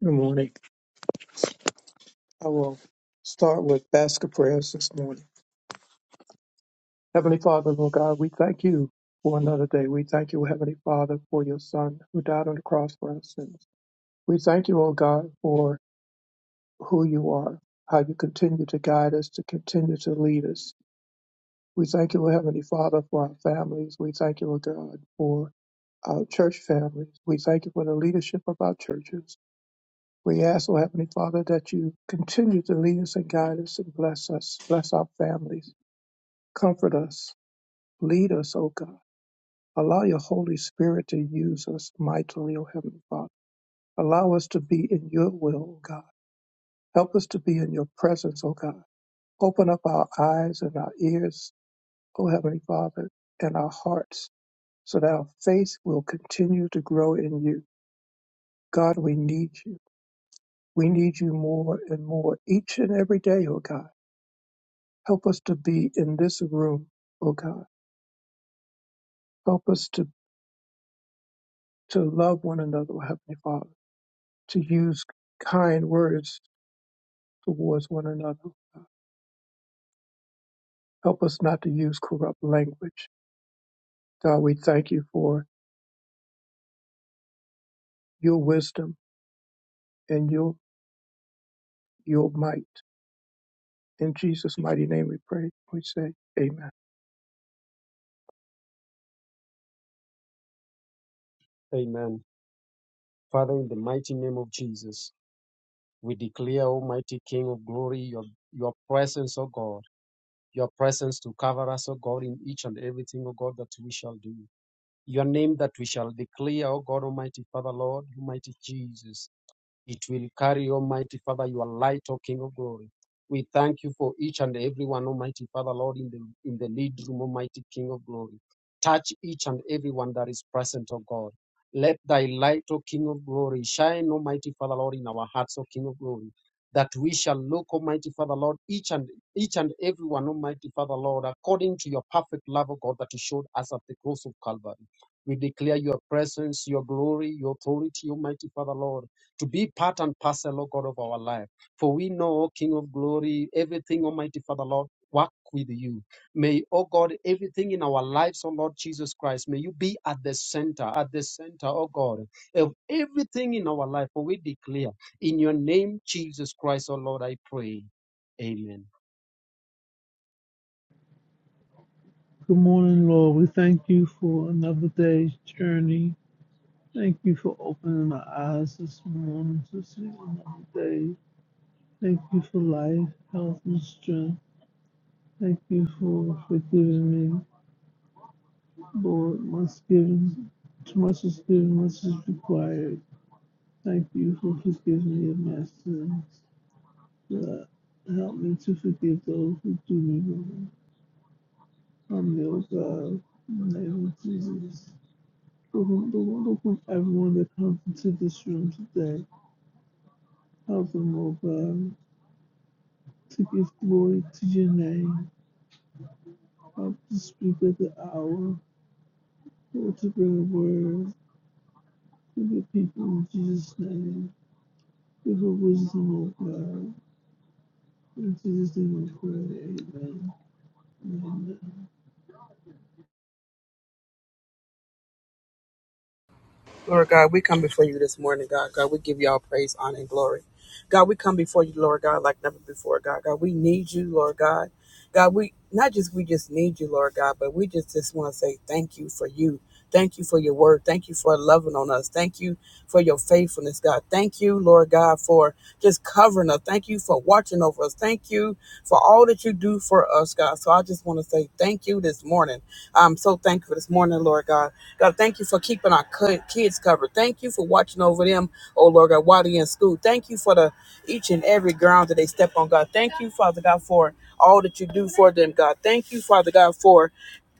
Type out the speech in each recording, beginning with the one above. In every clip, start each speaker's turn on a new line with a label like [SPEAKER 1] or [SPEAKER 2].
[SPEAKER 1] Good morning. I will start with basket prayers this morning. Heavenly Father, Lord God, we thank you for another day. We thank you, Heavenly Father, for your Son who died on the cross for our sins. We thank you, O God, for who you are, how you continue to guide us, to continue to lead us. We thank you, Heavenly Father, for our families. We thank you, O God, for our church families. We thank you for the leadership of our churches. We ask, O Heavenly Father, that you continue to lead us and guide us and bless us, bless our families, comfort us, lead us, O God. Allow your Holy Spirit to use us mightily, O Heavenly Father. Allow us to be in your will, O God. Help us to be in your presence, O God. Open up our eyes and our ears, O Heavenly Father, and our hearts, so that our faith will continue to grow in you. God, we need you. We need you more and more each and every day, O God. Help us to be in this room, oh God. Help us to, to love one another, oh Heavenly Father, to use kind words towards one another. oh God. Help us not to use corrupt language. God, we thank you for your wisdom and your your might. In Jesus' mighty name we pray. We say amen.
[SPEAKER 2] Amen. Father, in the mighty name of Jesus, we declare, Almighty King of glory, your, your presence, O God, your presence to cover us, O God, in each and everything, O God, that we shall do. Your name that we shall declare, O God, Almighty Father, Lord, Almighty Jesus. It will carry, Almighty Father, your light, O King of glory. We thank you for each and every one, Almighty Father, Lord, in the in the lead room, Almighty King of glory. Touch each and every one that is present, O God. Let thy light, O King of glory, shine, Almighty Father, Lord, in our hearts, O King of glory. That we shall look, Almighty Father, Lord, each and each and every one, Almighty Father, Lord, according to your perfect love, O God, that you showed us at the cross of Calvary. We declare your presence, your glory, your authority, Almighty Father, Lord to be part and parcel, O God, of our life. For we know, O King of glory, everything, Almighty Father, Lord, work with you. May, O God, everything in our lives, O Lord Jesus Christ, may you be at the center, at the center, O God, of everything in our life. For we declare, in your name, Jesus Christ, O Lord, I pray. Amen.
[SPEAKER 3] Good morning, Lord. We thank you for another day's journey. Thank you for opening my eyes this morning to see another day. Thank you for life, health, and strength. Thank you for forgiving me, Lord. Much given, too much is given, much is required. Thank you for forgiving me of my sins. God, help me to forgive those who do me wrong. Help me, O God, in the name of Jesus. The Lord, the Lord open everyone that comes into this room today. Help them, O God, to give glory to your name. Help to speak at the hour, Lord, to bring a word to the people in Jesus' name. Give her wisdom, O God. In Jesus' name we pray. Amen. Amen.
[SPEAKER 4] Lord God, we come before you this morning, God. God, we give you all praise, honor, and glory. God, we come before you, Lord God, like never before, God. God, we need you, Lord God. God, we not just we just need you, Lord God, but we just just want to say thank you for you. Thank you for your word. Thank you for loving on us. Thank you for your faithfulness, God. Thank you, Lord God, for just covering us. Thank you for watching over us. Thank you for all that you do for us, God. So I just want to say thank you this morning. I'm so thankful this morning, Lord God. God, thank you for keeping our cu- kids covered. Thank you for watching over them, oh Lord God, while they're in school. Thank you for the each and every ground that they step on, God. Thank you, Father God, for all that you do for them, God. Thank you, Father God, for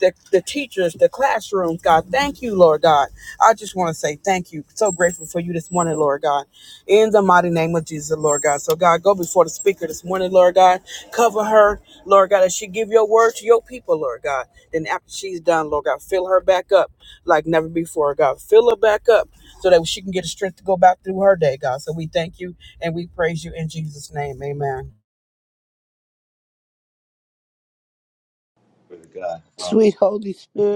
[SPEAKER 4] the, the teachers, the classrooms, God. Thank you, Lord God. I just want to say thank you. So grateful for you this morning, Lord God. In the mighty name of Jesus, Lord God. So, God, go before the speaker this morning, Lord God. Cover her, Lord God, as she give your word to your people, Lord God. Then after she's done, Lord God, fill her back up like never before, God. Fill her back up so that she can get the strength to go back through her day, God. So we thank you and we praise you in Jesus' name. Amen.
[SPEAKER 5] Glory to God. Um,
[SPEAKER 6] Sweet Holy Spirit.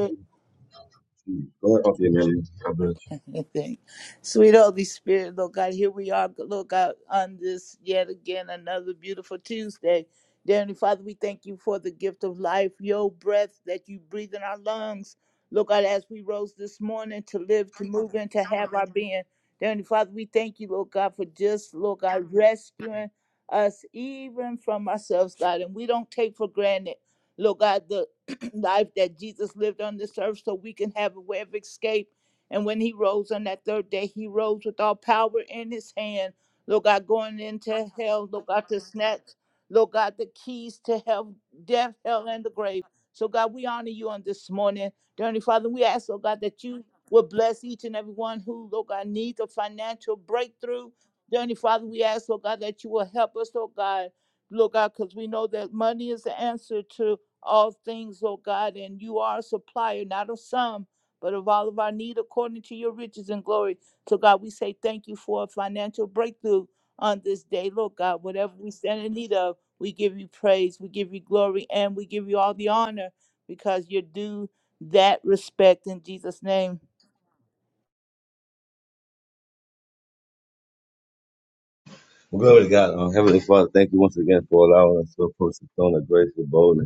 [SPEAKER 5] go ahead, Auntie Amelia. God bless you.
[SPEAKER 6] Okay, Thank- Sweet Holy Spirit, Lord God, here we are, Lord God, on this yet again another beautiful Tuesday. Dear Heavenly Father, we thank you for the gift of life, your breath that you breathe in our lungs. Lord God, as we rose this morning to live, to move, and to have our being. Dear Heavenly Father, we thank you, Lord God, for just, Lord God, rescuing us even from ourselves, God. And we don't take for granted, Lord God, the life that Jesus lived on this earth so we can have a way of escape and when he rose on that third day, he rose with all power in his hand. Lord God, going into hell, Lord God, to snatch, Lord God, the keys to hell, death, hell, and the grave. So, God, we honor you on this morning. Dear Heavenly Father, we ask, Lord God, that you will bless each and every one who, Lord God, needs a financial breakthrough. Dear Heavenly Father, we ask, Lord God, that you will help us, Lord God, Lord God, because we know that money is the answer to all things, Lord God, and you are a supplier, not of some but of all of our need according to your riches and glory. So, God, we say thank you for a financial breakthrough on this day. Lord God, whatever we stand in need of, we give you praise, we give you glory, and we give you all the honor because you're due that respect in Jesus' name.
[SPEAKER 5] Well, glory to God. Um, Heavenly Father, thank you once again for allowing us to approach the throne of grace with boldness.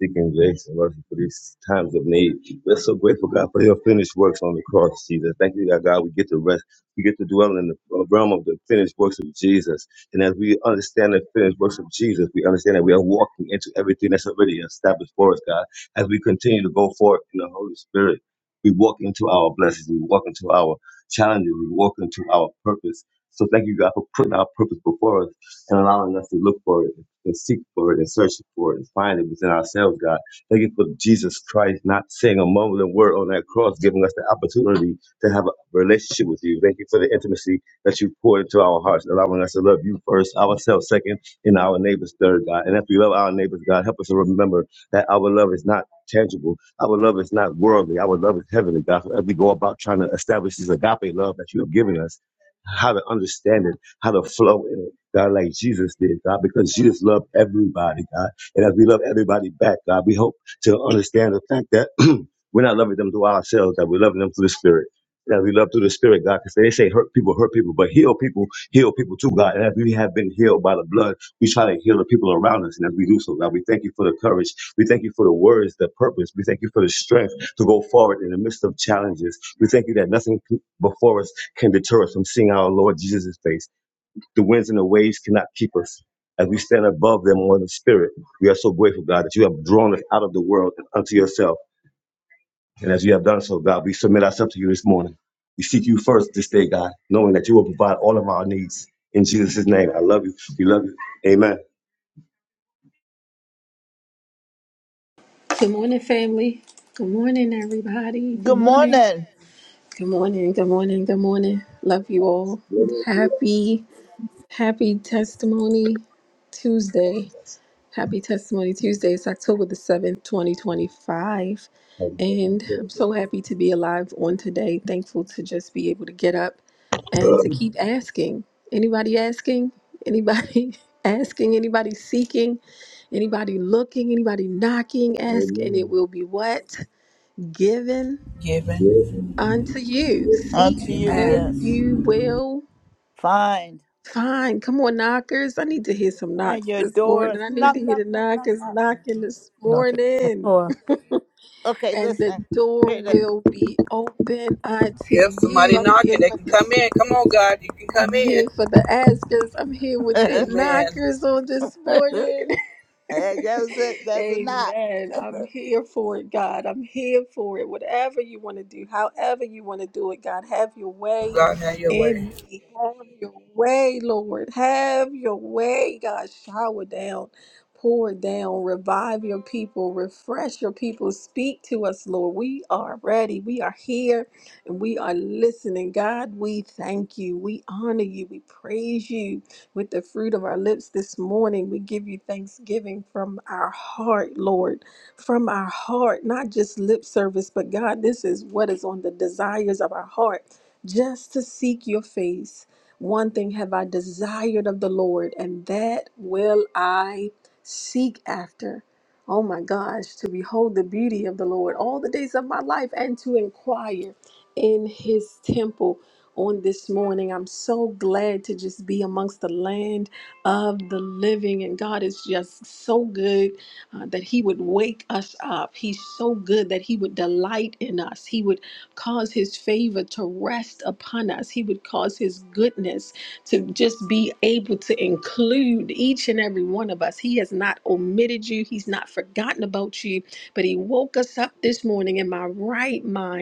[SPEAKER 5] Deacon Jackson, mercy for these times of need. We're so grateful, God, for your finished works on the cross, Jesus. Thank you, God, God, we get to rest. We get to dwell in the realm of the finished works of Jesus. And as we understand the finished works of Jesus, we understand that we are walking into everything that's already established for us, God. As we continue to go forth in the Holy Spirit, we walk into our blessings, we walk into our challenges, we walk into our purpose. So thank you, God, for putting our purpose before us and allowing us to look for it and seek for it and search for it and find it within ourselves, God. Thank you for Jesus Christ not saying a mumbling word on that cross, giving us the opportunity to have a relationship with you. Thank you for the intimacy that you poured into our hearts, allowing us to love you first, ourselves second, and our neighbors third, God. And if we love our neighbors, God, help us to remember that our love is not tangible. Our love is not worldly. Our love is heavenly, God. So as we go about trying to establish this agape love that you have given us, how to understand it, how to flow in it God, like Jesus did, God, because Jesus loved everybody, God. And as we love everybody back, God, we hope to understand the fact that we're not loving them through ourselves, that we're loving them through the Spirit. That we love through the Spirit, God, because they say hurt people, hurt people, but heal people, heal people too, God. And as we have been healed by the blood, we try to heal the people around us. And as we do so, God, we thank you for the courage. We thank you for the words, the purpose. We thank you for the strength to go forward in the midst of challenges. We thank you that nothing before us can deter us from seeing our Lord Jesus' face. The winds and the waves cannot keep us. As we stand above them on the spirit, we are so grateful, God, that you have drawn us out of the world and unto yourself. And as you have done so, God, we submit ourselves to you this morning. We seek you first this day, God, knowing that you will provide all of our needs. In Jesus' name, I love you. We love you. Amen.
[SPEAKER 7] Good morning, family. Good morning, everybody. Good
[SPEAKER 6] Good
[SPEAKER 7] morning.
[SPEAKER 6] morning
[SPEAKER 7] Good morning. Good morning. Good morning. Love you all. Happy, happy testimony Tuesday. Happy testimony Tuesday. It's October the 7th, 2025.
[SPEAKER 5] Amen.
[SPEAKER 7] And I'm so happy to be alive on today. Thankful to just be able to get up and to keep asking. Anybody asking? Anybody asking? Anybody seeking? Anybody looking? Anybody knocking? Ask and it will be what? given
[SPEAKER 4] Given.
[SPEAKER 7] unto you. Seek
[SPEAKER 6] unto you,
[SPEAKER 7] and
[SPEAKER 4] Amen.
[SPEAKER 6] yes.
[SPEAKER 7] you will
[SPEAKER 6] Fine.
[SPEAKER 7] find. Come on, knockers. I need to hear some
[SPEAKER 6] And
[SPEAKER 7] knocks
[SPEAKER 6] your
[SPEAKER 7] this
[SPEAKER 6] doors.
[SPEAKER 7] morning. I need
[SPEAKER 6] Knock,
[SPEAKER 7] to hear
[SPEAKER 6] knock,
[SPEAKER 7] the
[SPEAKER 6] knock, knock,
[SPEAKER 7] knockers
[SPEAKER 6] knock.
[SPEAKER 7] knocking this
[SPEAKER 8] Knocking on the
[SPEAKER 7] morning.
[SPEAKER 8] door.
[SPEAKER 6] Okay,
[SPEAKER 7] And the
[SPEAKER 6] listen.
[SPEAKER 7] door
[SPEAKER 6] Here
[SPEAKER 7] will be open unto
[SPEAKER 4] If
[SPEAKER 7] you.
[SPEAKER 4] somebody
[SPEAKER 7] I'm here
[SPEAKER 4] knocking. They
[SPEAKER 7] for
[SPEAKER 4] can
[SPEAKER 7] the
[SPEAKER 4] come in. Come on,
[SPEAKER 7] seekers.
[SPEAKER 4] God. You can
[SPEAKER 7] I'm
[SPEAKER 4] come
[SPEAKER 7] here for
[SPEAKER 4] in.
[SPEAKER 7] the askers. I'm here with the
[SPEAKER 6] it
[SPEAKER 4] Amen.
[SPEAKER 7] knockers on this
[SPEAKER 6] is.
[SPEAKER 7] morning.
[SPEAKER 6] Hey, that was it. That's a knock.
[SPEAKER 7] Amen. I'm here for it, God. I'm here for it. Whatever you want to do, however you want to do it, God, have your way
[SPEAKER 4] God, have your
[SPEAKER 7] in
[SPEAKER 4] way.
[SPEAKER 7] me. Have your way, Lord. Have your way, God. Shower down, pour down, revive your people, refresh your people. Speak to us, Lord. We are ready. We are here and we are listening. God, we thank you. We honor you. We praise you with the fruit of our lips this morning. We give you thanksgiving from our heart, Lord, from our heart, not just lip service, but God, this is what is on the desires of our heart, just to seek your face. One thing have I desired of the Lord, and that will I seek after. Oh my gosh, to behold the beauty of the Lord all the days of my life and to inquire in his temple on this morning. I'm so glad to just be amongst the land of the living. And God is just so good uh, that He would wake us up. He's so good that He would delight in us. He would cause His favor to rest upon us. He would cause His goodness to just be able to include each and every one of us. He has not omitted you, He's not forgotten about you, but He woke us up this morning in my right mind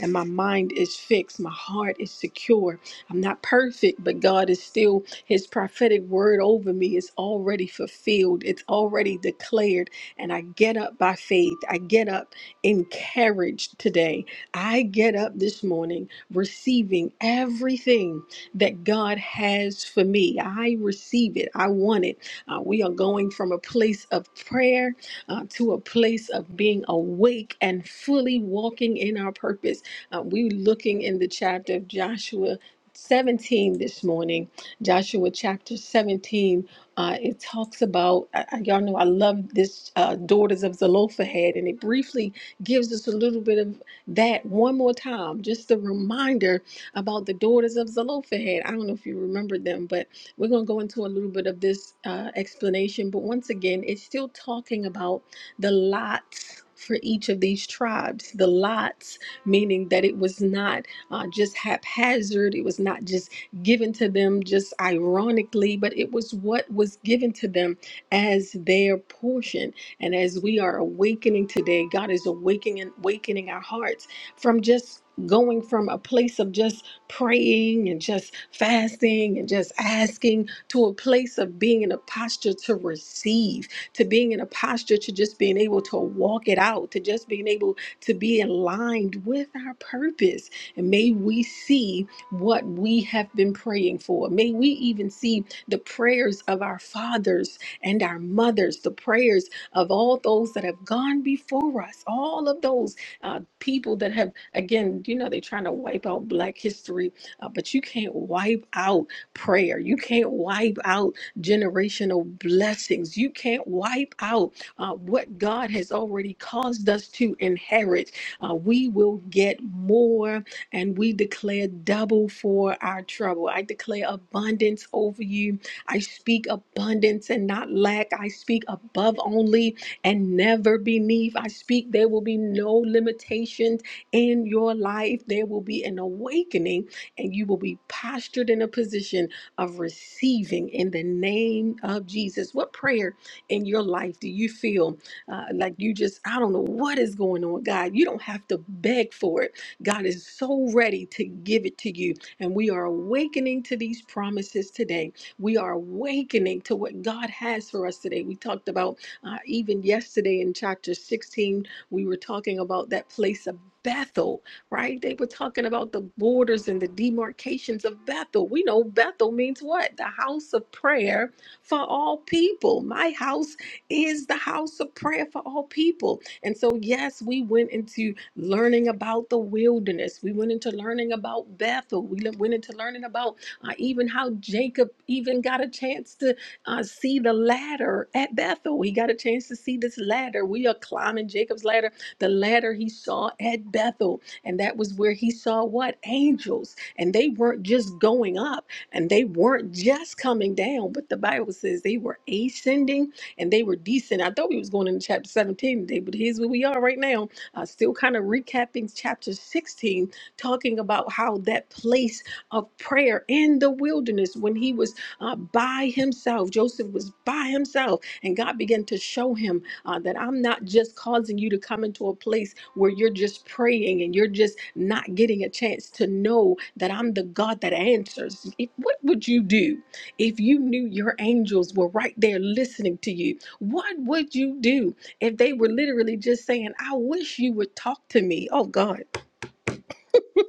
[SPEAKER 7] and my mind is fixed. My heart is secure. I'm not perfect, but God is still, His prophetic word over me is already fulfilled. It's already declared. And I get up by faith. I get up encouraged today. I get up this morning receiving everything that God has for me. I receive it. I want it. Uh, we are going from a place of prayer uh, to a place of being awake and fully walking in our purpose. Uh, we're looking in the chapter of Joshua 17 this morning. Joshua chapter 17, uh, it talks about, I, I- y'all know I love this uh, Daughters of Zelophehad, and it briefly gives us a little bit of that one more time, just a reminder about the Daughters of Zelophehad. I don't know if you remember them, but we're going to go into a little bit of this uh, explanation. But once again, it's still talking about the lots for each of these tribes, the lots meaning that it was not uh, just haphazard, it was not just given to them just ironically, but it was what was given to them as their portion. And as we are awakening today, God is awakening awakening our hearts from just going from a place of just praying and just fasting and just asking to a place of being in a posture to receive, to being in a posture to just being able to walk it out, to just being able to be aligned with our purpose. And may we see what we have been praying for. May we even see the prayers of our fathers and our mothers, the prayers of all those that have gone before us, all of those uh, people that have, again, you know, they're trying to wipe out Black history, uh, but you can't wipe out prayer. You can't wipe out generational blessings. You can't wipe out uh, what God has already caused us to inherit, uh, we will get more and we declare double for our trouble. I declare abundance over you. I speak abundance and not lack. I speak above only and never beneath. I speak there will be no limitations in your life. There will be an awakening and you will be postured in a position of receiving in the name of Jesus. What prayer? in your life do you feel uh, like you just, I don't know what is going on, God? You don't have to beg for it. God is so ready to give it to you. And we are awakening to these promises today. We are awakening to what God has for us today. We talked about uh, even yesterday in chapter 16, we were talking about that place of Bethel, right? They were talking about the borders and the demarcations of Bethel. We know Bethel means what? The house of prayer for all people. My house is the house of prayer for all people. And so, yes, we went into learning about the wilderness. We went into learning about Bethel. We le- went into learning about uh, even how Jacob even got a chance to uh, see the ladder at Bethel. He got a chance to see this ladder. We are climbing Jacob's ladder, the ladder he saw at Bethel. And that was where he saw what? Angels. And they weren't just going up. And they weren't just coming down, but the Bible says they were ascending and they were descending. I thought we was going into chapter 17 today, but here's where we are right now. Uh, still kind of recapping chapter 16, talking about how that place of prayer in the wilderness when he was uh, by himself, Joseph was by himself, and God began to show him uh, that I'm not just causing you to come into a place where you're just praying and you're just not getting a chance to know that I'm the God that answers. If, what would you do if you knew your angels were right there listening to you? What would you do if they were literally just saying, I wish you would talk to me? Oh, God.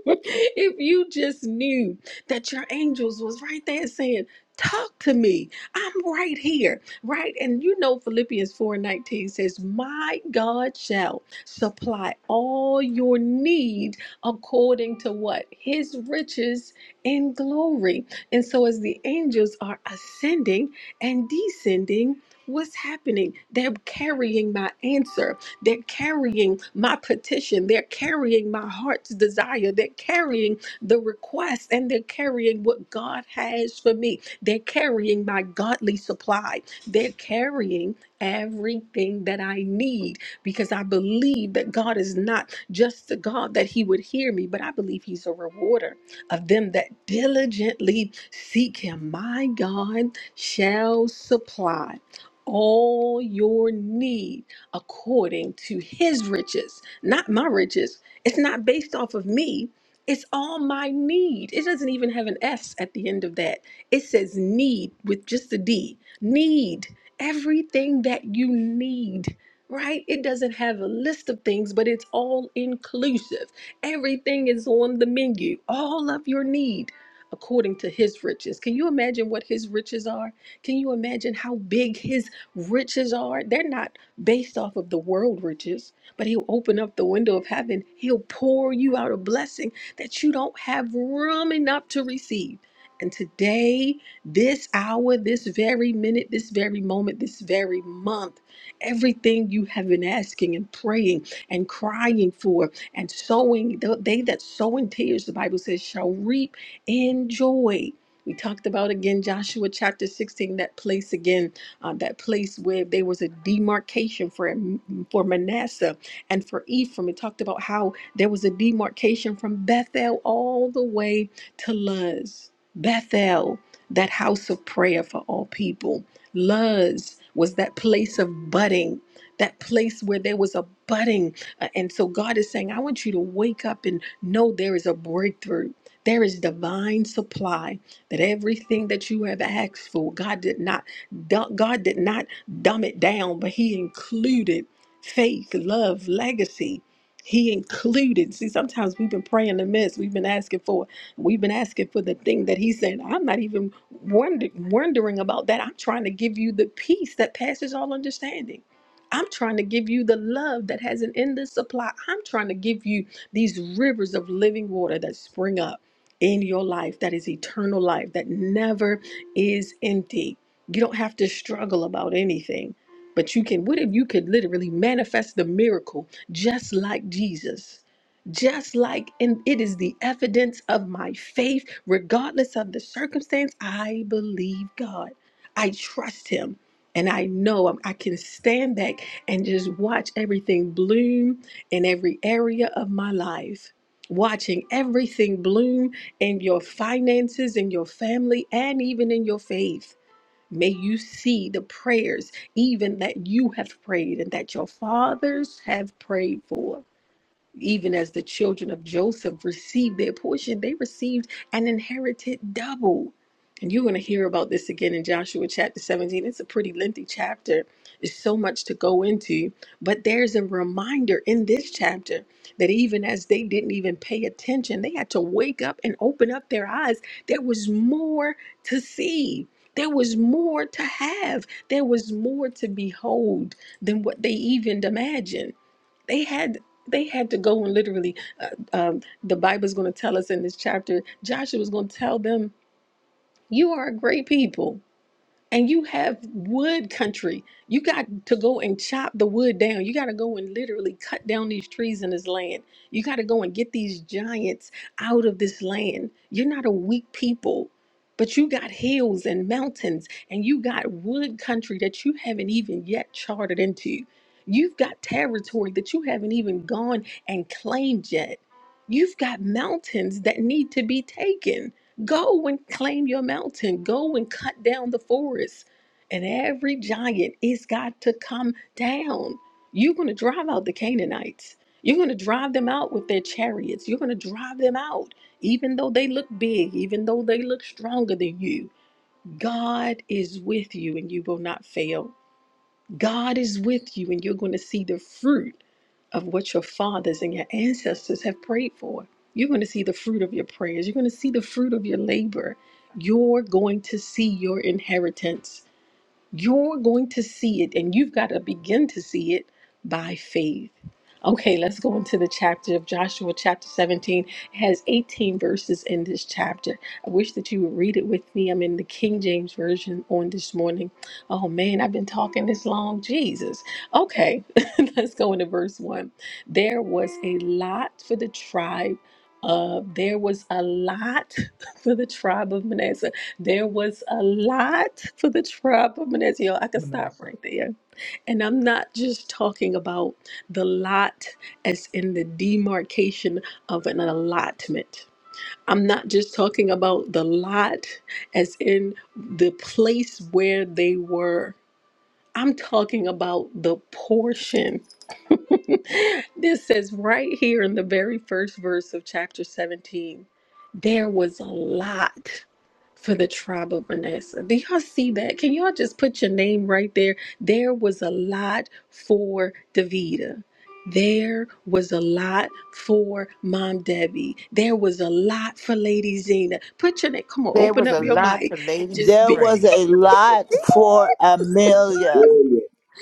[SPEAKER 7] if you just knew that your angels was right there saying, Talk to me. I'm right here. Right. And you know Philippians 4 and 19 says, My God shall supply all your need according to what? His riches in glory. And so as the angels are ascending and descending, what's happening? They're carrying my answer they're carrying my petition. They're carrying my heart's desire. They're carrying the request and they're carrying what God has for me. They're carrying my godly supply. They're carrying everything that I need because I believe that God is not just the God that He would hear me, but I believe He's a rewarder of them that diligently seek Him. My God shall supply all your need according to his riches, not my riches. It's not based off of me. It's all my need. It doesn't even have an S at the end of that. It says need with just a D. Need everything that you need, right? It doesn't have a list of things, but it's all inclusive. Everything is on the menu, all of your need according to his riches. Can you imagine what his riches are? Can you imagine how big his riches are? They're not based off of the world riches, but He'll open up the window of heaven. He'll pour you out a blessing that you don't have room enough to receive. And today, this hour, this very minute, this very moment, this very month, everything you have been asking and praying and crying for and sowing, th- they that sow in tears, the Bible says, shall reap in joy. We talked about again Joshua chapter 16, that place again uh, that place where there was a demarcation for for Manasseh and for Ephraim. It talked about how there was a demarcation from Bethel all the way to Luz. Bethel, that house of prayer for all people. Luz was that place of budding, that place where there was a budding. Uh, And so God is saying, I want you to wake up and know there is a breakthrough. There is divine supply that everything that you have asked for, God did not du- God did not dumb it down, but He included faith, love, legacy. He included. See, sometimes we've been praying amiss. We've been asking for. We've been asking for the thing that He said. I'm not even wonder, wondering about that. I'm trying to give you the peace that passes all understanding. I'm trying to give you the love that has an endless supply. I'm trying to give you these rivers of living water that spring up in your life that is eternal life that never is empty. You don't have to struggle about anything, but you can. What if you could literally manifest the miracle just like Jesus? Just like, and it is the evidence of my faith, regardless of the circumstance. I believe God, I trust Him, and I know I'm- I can stand back and just watch everything bloom in every area of my life. Watching everything bloom in your finances, in your family, and even in your faith May you see the prayers, even that you have prayed and that your fathers have prayed for even as the children of Joseph received their portion, they received and inherited double. And you're going to hear about this again in Joshua chapter 17. It's a pretty lengthy chapter. There's so much to go into. But there's a reminder in this chapter that even as they didn't even pay attention, they had to wake up and open up their eyes. There was more to see, there was more to have, there was more to behold than what they even imagined they had they had to go and literally uh, um, the bible's going to tell us in this chapter joshua's going to tell them you are a great people and you have wood country. You got to go and chop the wood down. You got to go and literally cut down these trees in this land. You got to go and get these giants out of this land. You're not a weak people, but you got hills and mountains and you got wood country that you haven't even yet charted into. You've got territory that you haven't even gone and claimed yet. You've got mountains that need to be taken. Go and claim your mountain. Go and cut down the forest. And every giant is got to come down. You're going to drive out the Canaanites. You're going to drive them out with their chariots. You're going to drive them out, even though they look big, even though they look stronger than you. God is with you and you will not fail. God is with you, and you're going to see the fruit of what your fathers and your ancestors have prayed for. You're going to see the fruit of your prayers. You're going to see the fruit of your labor. You're going to see your inheritance. You're going to see it, and you've got to begin to see it by faith. Okay, let's go into the chapter of Joshua, chapter 17. It has 18 verses in this chapter. I wish that you would read it with me. I'm in the King James Version on this morning. Oh man, I've been talking this long. Jesus. Okay, let's go into verse 1. There was a lot for the tribe of, there was a lot for the tribe of Manasseh. There was a lot for the tribe of Manasseh. I could stop
[SPEAKER 1] Manasseh.
[SPEAKER 7] right there. And I'm not just talking about the lot as in the demarcation of an allotment. I'm not just talking about the lot as in the place where they were I'm talking about the portion. this says right here in the very first verse of chapter 17 there was a lot for the tribe of Manasseh. Do y'all see that? Can y'all just put your name right there? There was a lot for Davida. There was a lot for Mom Debbie. There was a lot for Lady Zena. Put your name. Come on,
[SPEAKER 9] There
[SPEAKER 7] open
[SPEAKER 9] was a
[SPEAKER 7] up your
[SPEAKER 9] lot for
[SPEAKER 7] mic and
[SPEAKER 9] Lady
[SPEAKER 7] just
[SPEAKER 6] There
[SPEAKER 7] be.
[SPEAKER 6] was
[SPEAKER 9] Spring.
[SPEAKER 6] a lot for Amelia.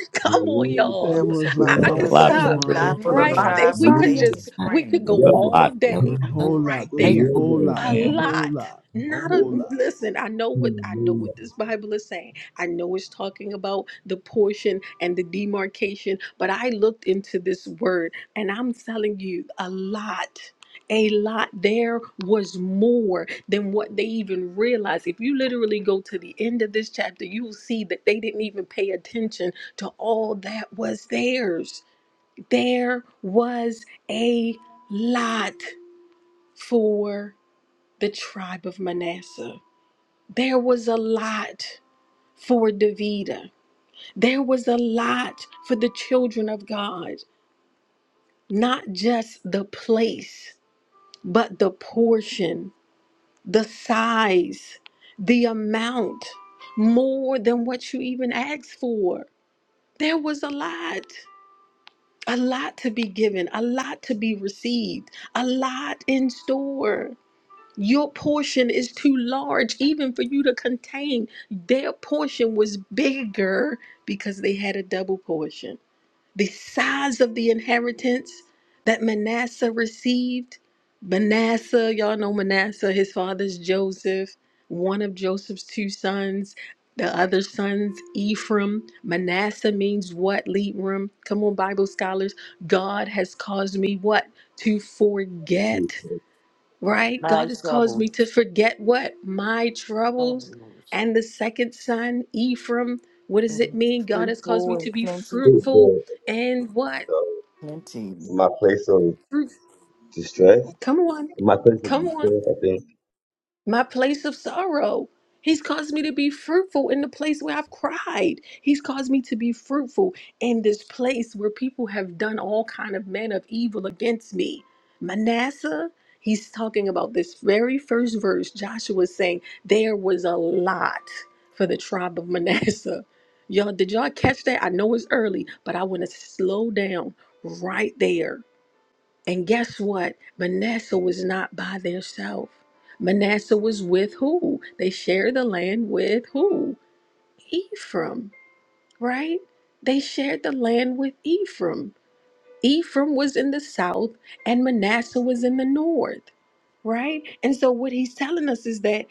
[SPEAKER 7] Come on,
[SPEAKER 8] There
[SPEAKER 3] There
[SPEAKER 7] y'all.
[SPEAKER 8] was a
[SPEAKER 3] was a
[SPEAKER 7] I,
[SPEAKER 8] lot
[SPEAKER 10] There
[SPEAKER 7] I
[SPEAKER 10] was
[SPEAKER 8] for
[SPEAKER 10] a
[SPEAKER 7] could
[SPEAKER 3] lot
[SPEAKER 9] There
[SPEAKER 10] lot
[SPEAKER 9] was
[SPEAKER 10] for
[SPEAKER 9] a
[SPEAKER 8] Rebecca.
[SPEAKER 3] from
[SPEAKER 7] stop
[SPEAKER 3] out
[SPEAKER 10] growth.
[SPEAKER 9] lot for
[SPEAKER 11] With a
[SPEAKER 9] the
[SPEAKER 7] right
[SPEAKER 3] there.
[SPEAKER 11] lot
[SPEAKER 7] there.
[SPEAKER 11] they
[SPEAKER 9] tribe
[SPEAKER 7] We
[SPEAKER 9] of
[SPEAKER 7] could
[SPEAKER 11] sign you.
[SPEAKER 9] Lady
[SPEAKER 7] just,
[SPEAKER 12] not
[SPEAKER 7] we could
[SPEAKER 9] Spring.
[SPEAKER 10] There
[SPEAKER 7] go
[SPEAKER 10] was a
[SPEAKER 7] all
[SPEAKER 10] lot for
[SPEAKER 12] There was
[SPEAKER 7] day
[SPEAKER 10] growth.
[SPEAKER 3] A
[SPEAKER 12] a love
[SPEAKER 3] whole
[SPEAKER 7] right
[SPEAKER 3] lot.
[SPEAKER 12] for
[SPEAKER 3] There was a
[SPEAKER 7] there.
[SPEAKER 12] Michael.
[SPEAKER 3] whole lot.
[SPEAKER 7] A
[SPEAKER 3] A
[SPEAKER 10] Amen.
[SPEAKER 3] whole
[SPEAKER 7] lot.
[SPEAKER 3] lot. A
[SPEAKER 7] Not a
[SPEAKER 3] whole lot.
[SPEAKER 7] listen, I know what I know what this Bible is saying. I know it's talking about the portion and the demarcation, but I looked into this word and I'm telling you a lot a lot. There was more than what they even realized. If you literally go to the end of this chapter, you will see that they didn't even pay attention to all that was theirs. There was a lot for the tribe of Manasseh, there was a lot for Davida, there was a lot for the children of God, not just the place, but the portion the size, the amount, more than what you even asked for. There was a lot, a lot to be given, a lot to be received, a lot in store. Your portion is too large even for you to contain. Their portion was bigger because they had a double portion. The size of the inheritance that Manasseh received. Manasseh, y'all know Manasseh, his father's Joseph, one of Joseph's two sons, the other son's Ephraim. Manasseh means what, Leetram? Come on, Bible scholars. God has caused me what? To forget right? God
[SPEAKER 9] My
[SPEAKER 7] has caused
[SPEAKER 9] troubled
[SPEAKER 7] me to forget what? My troubles
[SPEAKER 9] souls
[SPEAKER 7] and the second son, Ephraim. What does it
[SPEAKER 9] being
[SPEAKER 7] mean? God has caused
[SPEAKER 9] fruitful
[SPEAKER 7] me to
[SPEAKER 9] and
[SPEAKER 7] be
[SPEAKER 9] plentiful,
[SPEAKER 7] fruitful and what?
[SPEAKER 9] plenty.
[SPEAKER 5] my place of
[SPEAKER 7] Fruit.
[SPEAKER 5] distress.
[SPEAKER 7] Come on.
[SPEAKER 5] My place of
[SPEAKER 7] Come on.
[SPEAKER 5] distress, I think.
[SPEAKER 7] my place of sorrow. He's caused me to be fruitful in the place where I've cried. He's caused me to be fruitful in this place where people have done all kind of men of evil against me. Manasseh, he's talking about this very first verse. Joshua is saying there was a lot for the tribe of Manasseh. Y'all, did y'all catch that? I know it's early, but I want to slow down right there and guess what? Manasseh was not by theirself. Manasseh was with who? They shared the land with who? Ephraim, right? They shared the land with Ephraim. Ephraim was in the south and Manasseh was in the north, right? And so what he's telling us is that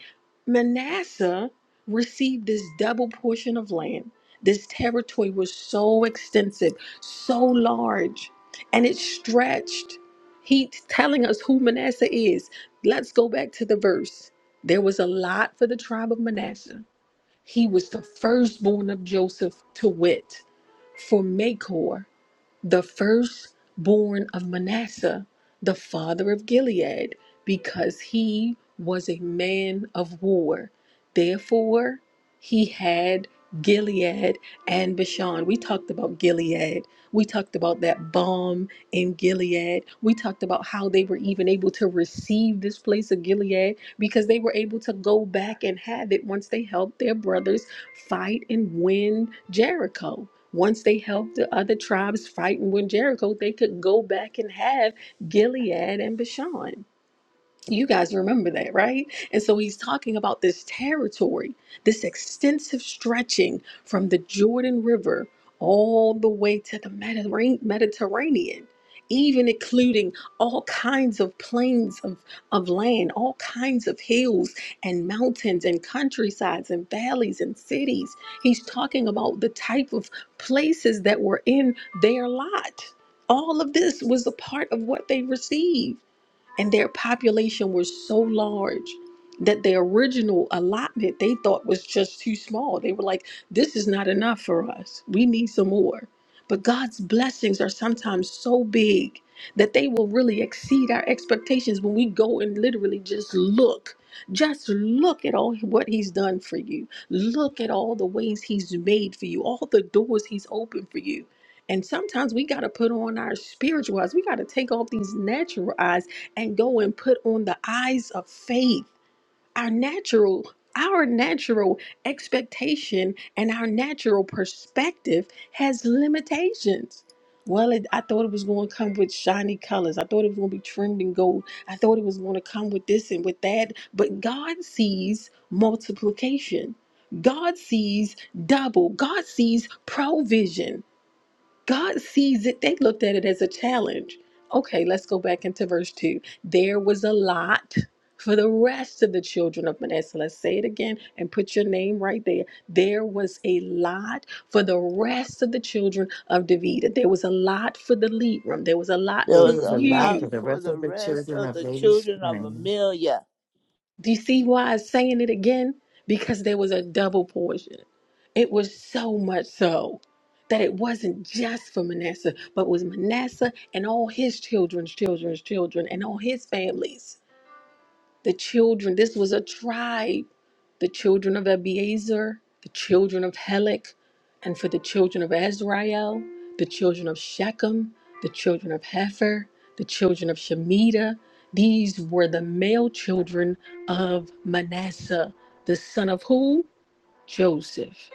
[SPEAKER 7] Manasseh received this double portion of land. This territory was so extensive, so large, and it stretched. He's telling us who Manasseh is. Let's go back to the verse. There was a lot for the tribe of Manasseh. He was the firstborn of Joseph to wit, for Makor the firstborn of Manasseh, the father of Gilead, because he was a man of war. Therefore, he had Gilead and Bashan. We talked about Gilead. We talked about that bomb in Gilead. We talked about how they were even able to receive this place of Gilead because they were able to go back and have it once they helped their brothers fight and win Jericho. Once they helped the other tribes fight and win Jericho, they could go back and have Gilead and Bashan. You guys remember that, right? And so he's talking about this territory, this extensive stretching from the Jordan River all the way to the Mediterranean, Mediterranean even including all kinds of plains of, of land, all kinds of hills and mountains and countrysides and valleys and cities. He's talking about the type of places that were in their lot. All of this was a part of what they received and their population was so large that the original allotment they thought was just too small. They were like, this is not enough for us. We need some more. But God's blessings are sometimes so big that they will really exceed our expectations when we go and literally just look. Just look at all what he's done for you. Look at all the ways he's made for you, all the doors he's opened for you. And sometimes we got to put on our spiritual eyes. We got to take off these natural eyes and go and put on the eyes of faith our natural our natural expectation and our natural perspective has limitations well it, i thought it was going to come with shiny colors i thought it was going to be trimmed in gold i thought it was going to come with this and with that but god sees multiplication god sees double god sees provision God sees it. They looked at it as a challenge. Okay, let's go back into verse 2. There was a lot for the rest of the children of Manasseh. Let's say it again and put your name right there. There was a lot for the rest of the children of David. There was a lot for the lead room. There was a lot
[SPEAKER 6] There
[SPEAKER 9] There
[SPEAKER 7] for
[SPEAKER 6] was
[SPEAKER 9] was
[SPEAKER 6] a
[SPEAKER 9] a lot
[SPEAKER 6] lot
[SPEAKER 7] you.
[SPEAKER 9] for the
[SPEAKER 6] for
[SPEAKER 9] rest
[SPEAKER 6] the
[SPEAKER 9] of the
[SPEAKER 6] rest
[SPEAKER 9] children
[SPEAKER 6] of
[SPEAKER 9] of
[SPEAKER 6] the
[SPEAKER 9] Lady
[SPEAKER 6] children of
[SPEAKER 9] Spring.
[SPEAKER 6] Amelia.
[SPEAKER 7] Do you see why I'm saying it again? Because there was a double portion. It was so much so that it wasn't just for Manasseh, but was Manasseh and all his children's children's children and all his families. The children, this was a tribe. The children of Abiezer, the children of Helek, and for the children of Azrael, the children of Shechem, the children of Hefer, the children of Shemitah. These were the male children of Manasseh, the son of who? Joseph.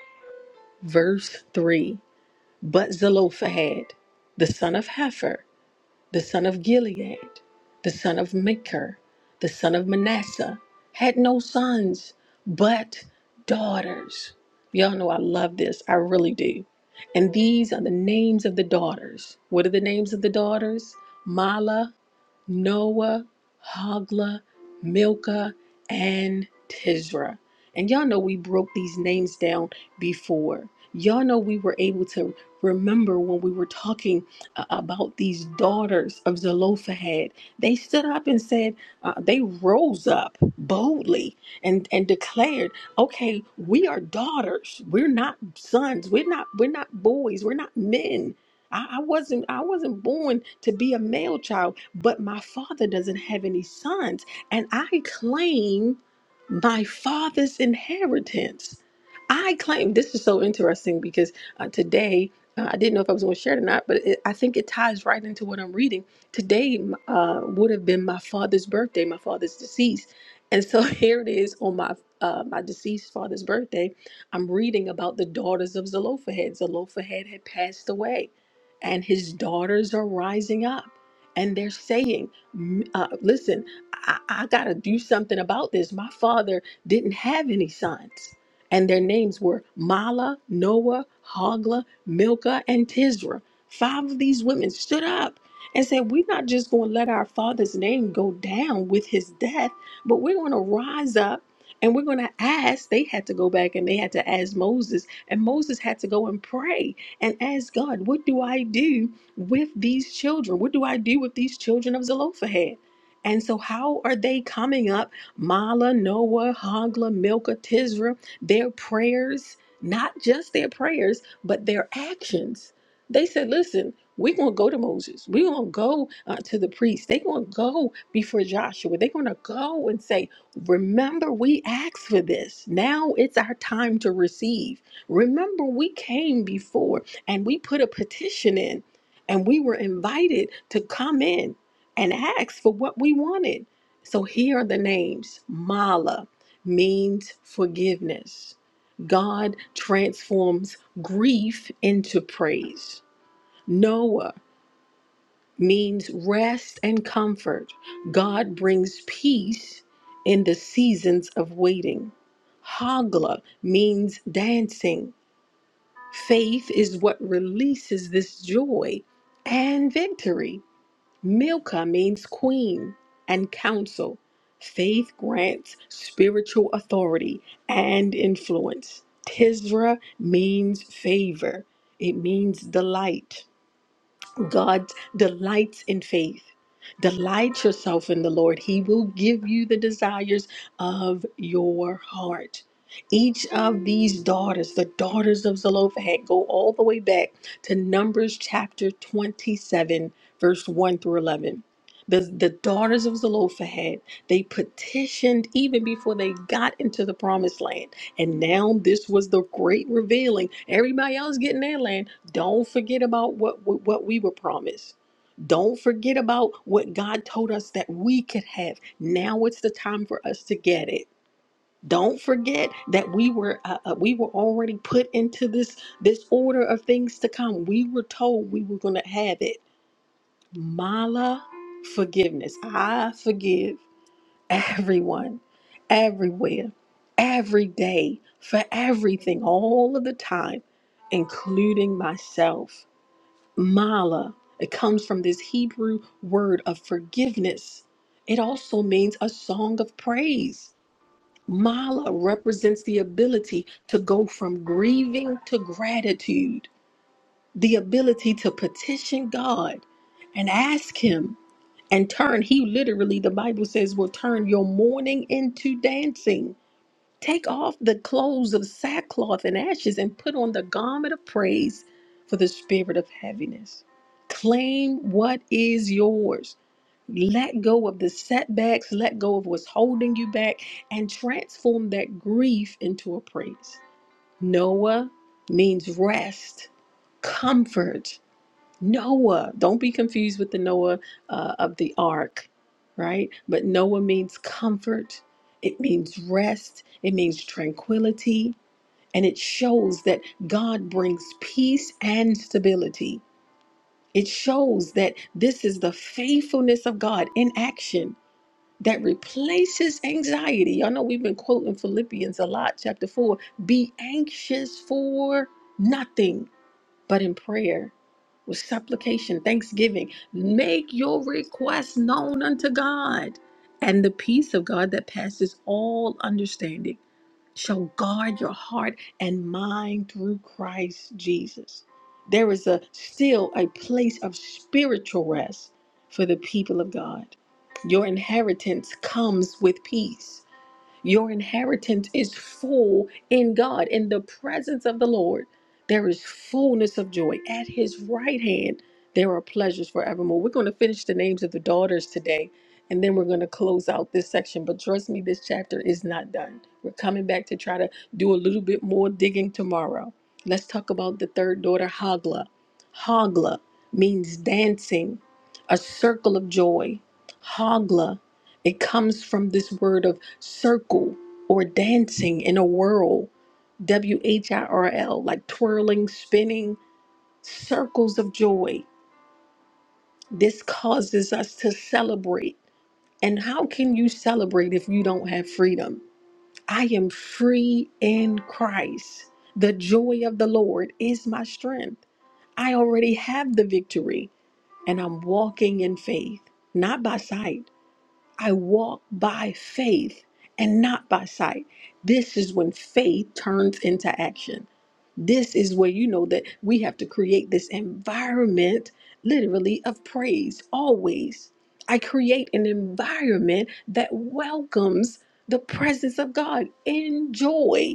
[SPEAKER 7] Verse 3 But Zelophehad, the son of Hefer, the son of Gilead, the son of Maker, the son of Manasseh, had no sons but daughters. Y'all know I love this. I really do. And these are the names of the daughters. What are the names of the daughters? Mala, Noah, Hagla, Milcah, and Tizra. And y'all know we broke these names down before. Y'all know we were able to remember when we were talking uh, about these daughters of Zelophehad. They stood up and said, uh, they rose up boldly and, and declared, okay, we are daughters. We're not sons. We're not, we're not boys. We're not men. I, I wasn't I wasn't born to be a male child, but my father doesn't have any sons, and I claim my father's inheritance. I claim this is so interesting because uh, today uh, I didn't know if I was going to share it or not, but it, I think it ties right into what I'm reading. Today uh, would have been my father's birthday, my father's deceased. And so here it is on my uh, my deceased father's birthday. I'm reading about the daughters of Zelophehad. Zelophehad had passed away, and his daughters are rising up. And they're saying, "M- uh, listen, I, I got to do something about this. My father didn't have any sons. And their names were Mala, Noah, Hogla, Milcah and Tizra, Five of these women stood up and said, We're not just going to let our father's name go down with his death, but we're going to rise up and we're going to ask. They had to go back and they had to ask Moses, and Moses had to go and pray and ask God, What do I do with these children? What do I do with these children of Zelophehad? And so, how are they coming up? Mala, Noah, Hagla, Milcah, Tizra. their prayers, not just their prayers but their actions. They said, listen, we're going to go to Moses. We're going to go uh, to the priest. They're going to go before Joshua. They're going to go and say, remember, we asked for this. Now it's our time to receive. Remember, we came before and we put a petition in and we were invited to come in and ask for what we wanted. So here are the names Mala means forgiveness. God transforms grief into praise. Noah means rest and comfort. God brings peace in the seasons of waiting. Hagla means dancing. Faith is what releases this joy and victory. Milcah means queen and counsel. Faith grants spiritual authority and influence. Tisra means favor, it means delight. God delights in faith. Delight yourself in the Lord. He will give you the desires of your heart. Each of these daughters, the daughters of Zelophehad, go all the way back to Numbers chapter 27, verse 1 through 11. The, the daughters of Zelophehad, they petitioned even before they got into the promised land. And now this was the great revealing. Everybody else getting their land. Don't forget about what what what we were promised. Don't forget about what God told us that we could have. Now it's the time for us to get it. Don't forget that we were uh, uh, we were already put into this this order of things to come. We were told we were going to have it. Mala forgiveness. I forgive everyone, everywhere, every day, for everything, all of the time, including myself. Mala. It comes from this Hebrew word of forgiveness. It also means a song of praise. Mala represents the ability to go from grieving to gratitude, the ability to petition God and ask Him and turn. He literally, the Bible says, will turn your mourning into dancing. Take off the clothes of sackcloth and ashes and put on the garment of praise for the spirit of heaviness. Claim what is yours. Let go of the setbacks, let go of what's holding you back, and transform that grief into a praise. Noah means rest, comfort, Noah. Don't be confused with the Noah uh, of the ark, right? But Noah means comfort, it means rest, it means tranquility, and it shows that God brings peace and stability. It shows that this is the faithfulness of God in action that replaces anxiety. Y'all know we've been quoting Philippians a lot, chapter 4 be anxious for nothing but in prayer with supplication, thanksgiving, make your requests known unto God. And the peace of God that passes all understanding shall guard your heart and mind through Christ Jesus. There is a still a place of spiritual rest for the people of God. Your inheritance comes with peace. Your inheritance is full in God. In the presence of the Lord, there is fullness of joy. At his right hand, there are pleasures forevermore. We're going to finish the names of the daughters today, and then we're going to close out this section. But trust me, this chapter is not done. We're coming back to try to do a little bit more digging tomorrow. Let's talk about the third daughter, Hagla. Hagla means dancing, a circle of joy. Hagla it comes from this word of circle or dancing in a whirl, W H I R L, like twirling, spinning, circles of joy. This causes us to celebrate. And how can you celebrate if you don't have freedom? I am free in Christ. The joy of the Lord is my strength. I already have the victory, and I'm walking in faith, not by sight. I walk by faith and not by sight. This is when faith turns into action. This is where you know that we have to create this environment, literally, of praise always. I create an environment that welcomes the presence of God in joy,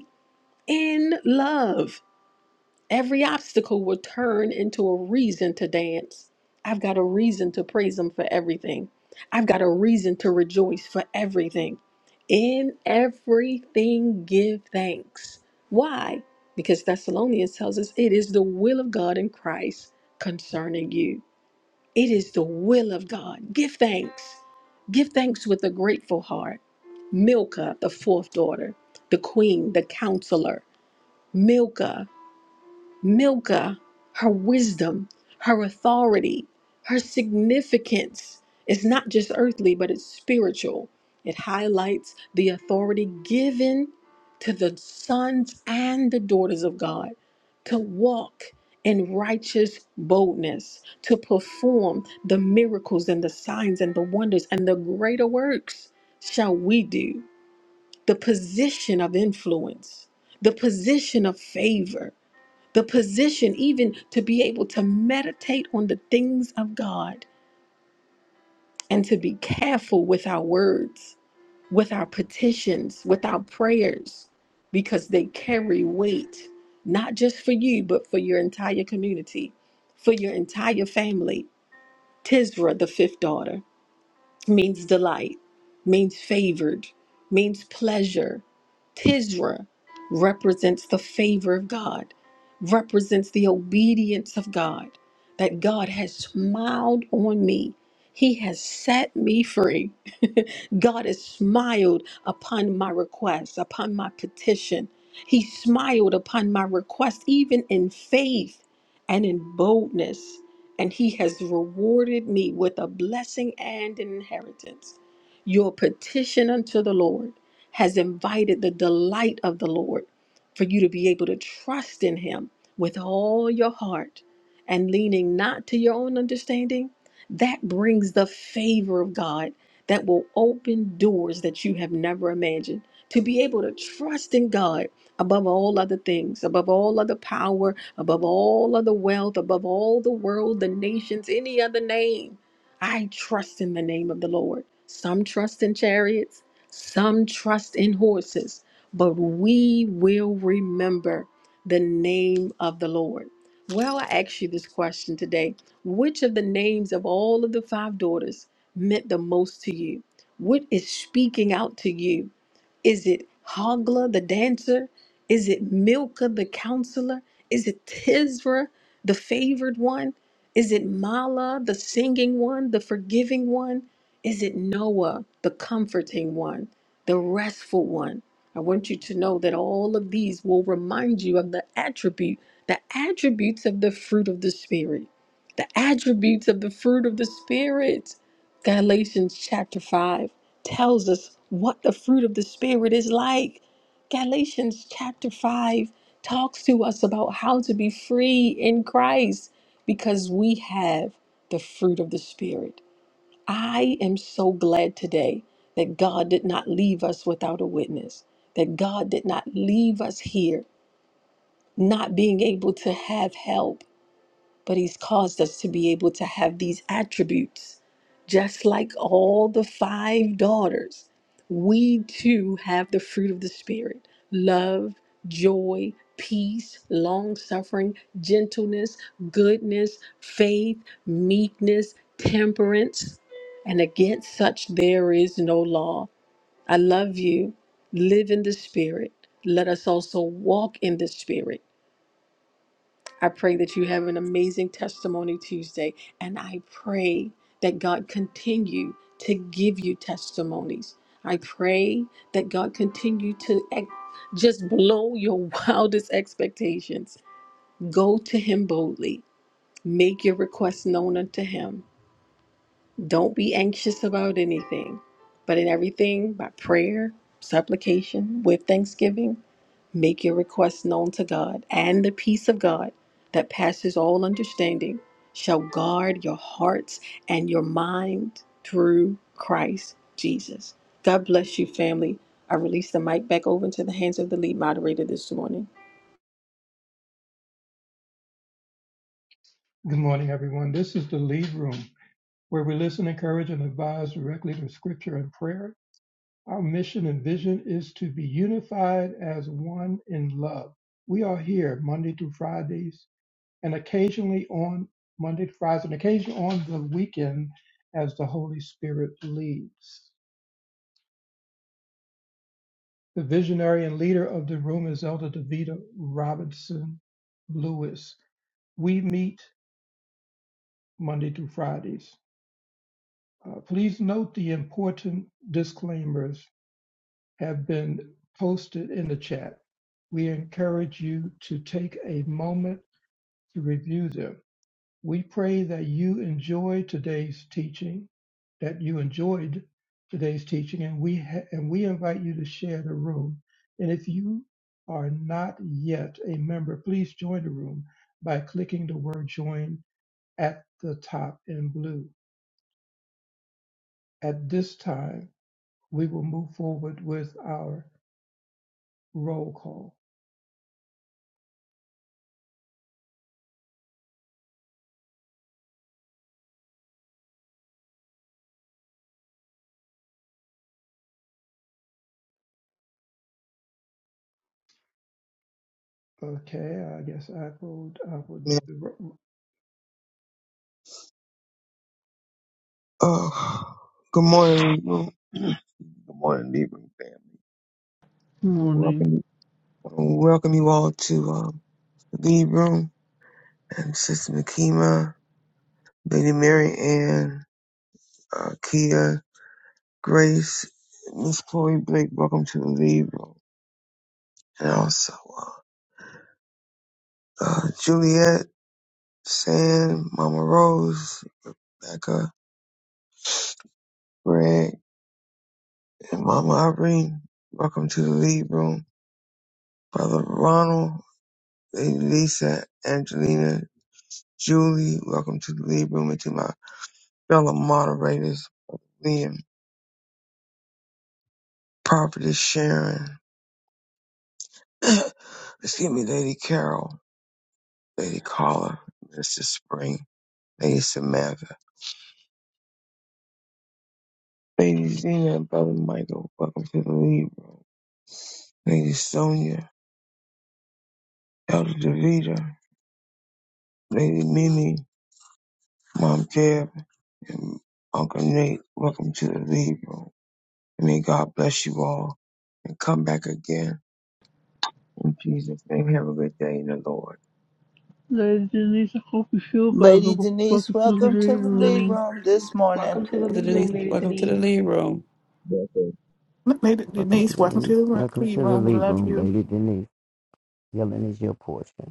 [SPEAKER 7] in love. Every obstacle will turn into a reason to dance. I've got a reason to praise Him for everything. I've got a reason to rejoice for everything. In everything, give thanks. Why? Because Thessalonians tells us it is the will of God in Christ concerning you. It is the will of God. Give thanks. Give thanks with a grateful heart. Milcah, the fourth daughter, the queen, the counselor, Milcah. Milcah, her wisdom, her authority, her significance is not just earthly, but it's spiritual. It highlights the authority given to the sons and the daughters of God to walk in righteous boldness, to perform the miracles and the signs and the wonders and the greater works shall we do. The position of influence, the position of favor the position even to be able to meditate on the things of God and to be careful with our words, with our petitions, with our prayers, because they carry weight, not just for you, but for your entire community, for your entire family. Tisra, the fifth daughter means delight, means favored, means pleasure. Tisra represents the favor of God, represents the obedience of God, that God has smiled on me. He has set me free. God has smiled upon my request, upon my petition. He smiled upon my request, even in faith and in boldness and he has rewarded me with a blessing and an inheritance. Your petition unto the Lord has invited the delight of the Lord for you to be able to trust in him with all your heart and leaning not to your own understanding. That brings the favor of God that will open doors that you have never imagined. To be able to trust in God above all other things, above all other power, above all other wealth, above all the world, the nations, any other name. I trust in the name of the Lord. Some trust in chariots, some trust in horses, but we will remember the name of the Lord. Well, I ask you this question today. Which of the names of all of the five daughters meant the most to you? What is speaking out to you? Is it Hogla the dancer? Is it Milcah the counselor? Is it Tisra, the favored one? Is it Mala, the singing one, the forgiving one? Is it Noah, the comforting one, the restful one? I want you to know that all of these will remind you of the attribute, the attributes of the fruit of the Spirit, the attributes of the fruit of the Spirit. Galatians chapter 5 tells us what the fruit of the Spirit is like. Galatians chapter 5 talks to us about how to be free in Christ because we have the fruit of the Spirit. I am so glad today that God did not leave us without a witness, that God did not leave us here not being able to have help but he's caused us to be able to have these attributes. Just like all the five daughters, we too have the fruit of the Spirit love, joy, peace, long suffering, gentleness, goodness, faith, meekness, temperance. And against such there is no law. I love you. Live in the Spirit. Let us also walk in the Spirit I pray that you have an amazing testimony Tuesday, and I pray that God continue to give you testimonies. I pray that God continue to ex- just blow your wildest expectations. Go to Him boldly, make your requests known unto Him don't be anxious about anything, but in everything, by prayer, supplication, with thanksgiving, make your requests known to God, and the peace of God that passes all understanding shall guard your hearts and your mind through Christ Jesus. God bless you, family. I release the mic back over into the hands of the lead moderator this morning.
[SPEAKER 1] Good morning, everyone. This is the Lead Room, where we listen, encourage, and advise directly through scripture and prayer. Our mission and vision is to be unified as one in love. We are here Monday through Fridays and occasionally on Monday to Fridays and occasionally on the weekend as the Holy Spirit leads. The visionary and leader of the room is Elder Davita Robinson Lewis. We meet Monday through Fridays. Uh, please note the important disclaimers have been posted in the chat. We encourage you to take a moment to review them. We pray that you enjoy today's teaching, that you enjoyed today's teaching, and we ha- and we invite you to share the room. And if you are not yet a member, please join the room by clicking the word "join" at the top in blue. At this time, we will move forward with our roll call. Okay, I guess I would, I would,
[SPEAKER 13] Yeah.
[SPEAKER 1] welcome
[SPEAKER 13] Oh, good morning, Libra. Good morning, Libra fam.
[SPEAKER 3] Good
[SPEAKER 13] I Welcome,
[SPEAKER 3] morning.
[SPEAKER 13] you- I welcome you all to um, the lead room and Sister Nakima, Lady Mary Ann, uh, Kia, Grace, Miss Chloe Blake. Welcome to the lead room, and also uh, uh, Juliet, Sam, Mama Rose, Becca, Greg, and Mama Irene. Welcome to the lead room, Brother Ronald, Lady Lisa, Angelina, Julie, welcome to the lead room and to my fellow moderators, Liam, Prophetess Sharon, excuse me, Lady Carol, Lady Carla, Mr. Spring, Lady Samantha, Lady Zena, and Brother Michael, welcome to the lead room. Lady Sonia, Elder Davida, Lady Mimi, Mom Deb, and Uncle Nate, welcome to the lead room. And may God bless you all and come back again. In Jesus' name, have a good day in the Lord.
[SPEAKER 3] Ladies and gentlemen, I hope you feel better.
[SPEAKER 6] Lady Denise,
[SPEAKER 3] Welcome to the
[SPEAKER 6] welcome to
[SPEAKER 3] reading
[SPEAKER 6] the lead
[SPEAKER 3] room.
[SPEAKER 6] room this morning.
[SPEAKER 14] Welcome to the lead room,
[SPEAKER 15] Denise,
[SPEAKER 1] to,
[SPEAKER 14] Lady
[SPEAKER 15] welcome to the
[SPEAKER 14] Denise.
[SPEAKER 15] lead room.
[SPEAKER 5] That's all.
[SPEAKER 11] Lady
[SPEAKER 16] Welcome to
[SPEAKER 11] Denise,
[SPEAKER 16] the
[SPEAKER 11] welcome
[SPEAKER 16] lead.
[SPEAKER 11] to the room.
[SPEAKER 16] Welcome
[SPEAKER 11] We
[SPEAKER 16] to the lead
[SPEAKER 11] love
[SPEAKER 16] room,
[SPEAKER 11] you.
[SPEAKER 16] Lady Denise. Healing is your portion.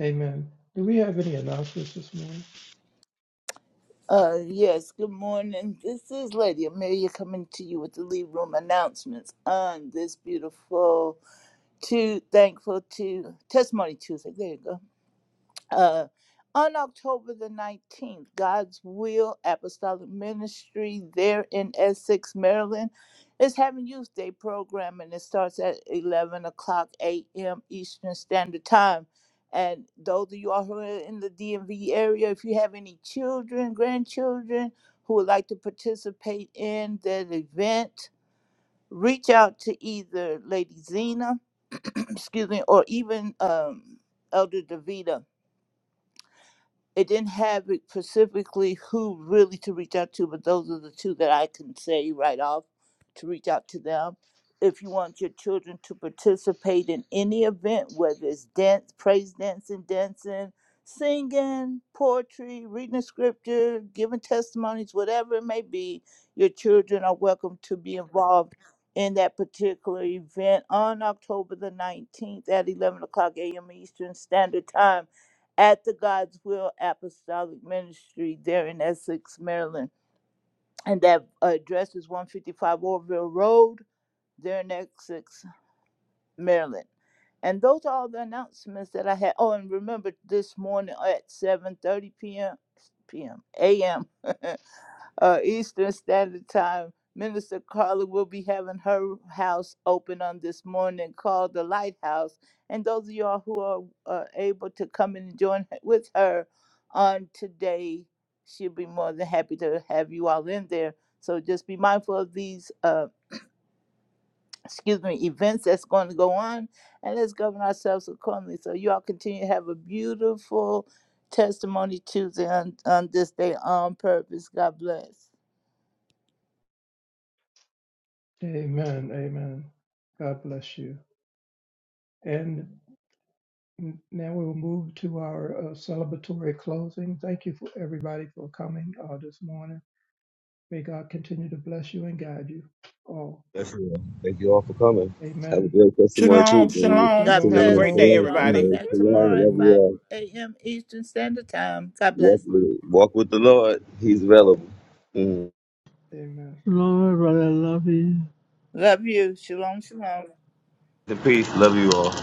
[SPEAKER 1] amen. Do we have any announcements this morning?
[SPEAKER 6] Uh, yes, good morning. This is Lady Amelia coming to you with the lead room announcements on this beautiful, to thankful to testimony Tuesday. There you go uh, on October the 19th, God's Will Apostolic Ministry there in Essex, Maryland, is having Youth Day program, and it starts at 11 o'clock a.m. Eastern Standard Time. And those of you all who are in the DMV area, if you have any children, grandchildren who would like to participate in that event, reach out to either Lady Zena, excuse me, or even um, Elder Davida it didn't have it specifically who really to reach out to, but those are the two that I can say right off to reach out to them. If you want your children to participate in any event, whether it's dance, praise dancing, dancing, singing, poetry, reading scripture, giving testimonies, whatever it may be, your children are welcome to be involved in that particular event on October the 19th at 11 o'clock a.m. Eastern Standard Time at the God's Will Apostolic Ministry there in Essex, Maryland. And that address is 155 Orville Road there in Essex, Maryland. And those are all the announcements that I had. Oh, and remember this morning at 7:30 p.m. a.m. uh, Eastern Standard Time. Minister Carla will be having her house open on this morning called the Lighthouse. And those of y'all who are uh, able to come and join h- with her on today, she'll be more than happy to have you all in there. So just be mindful of these, uh, excuse me, events that's going to go on, and let's govern ourselves accordingly. So you all continue to have a beautiful testimony Tuesday on, on this day on purpose. God bless.
[SPEAKER 1] Amen, amen. God bless you. And n- now we will move to our uh, celebratory closing. Thank you for everybody for coming uh, this morning. May God continue to bless you and guide you all.
[SPEAKER 5] Thank you all for coming. Have a
[SPEAKER 1] Amen.
[SPEAKER 5] great testimony too.
[SPEAKER 11] Shalom,
[SPEAKER 5] baby.
[SPEAKER 11] shalom.
[SPEAKER 6] God
[SPEAKER 1] Shalom,
[SPEAKER 11] Have a
[SPEAKER 5] Shalom,
[SPEAKER 11] great
[SPEAKER 6] bless.
[SPEAKER 11] day,
[SPEAKER 1] shalom,
[SPEAKER 6] You
[SPEAKER 5] shalom,
[SPEAKER 6] all
[SPEAKER 11] everybody.
[SPEAKER 6] come
[SPEAKER 5] shalom,
[SPEAKER 6] back
[SPEAKER 5] shalom.
[SPEAKER 6] tomorrow at
[SPEAKER 5] Love you
[SPEAKER 1] everyone.
[SPEAKER 6] 5
[SPEAKER 5] all.
[SPEAKER 6] a.m. Eastern Standard Time. God
[SPEAKER 5] Walk
[SPEAKER 6] bless.
[SPEAKER 5] with, walk with the Lord. He's available. Mm.
[SPEAKER 1] Amen.
[SPEAKER 3] Hello, I really love you.
[SPEAKER 6] Love you. Shalom, shalom.
[SPEAKER 5] The peace. Love you all.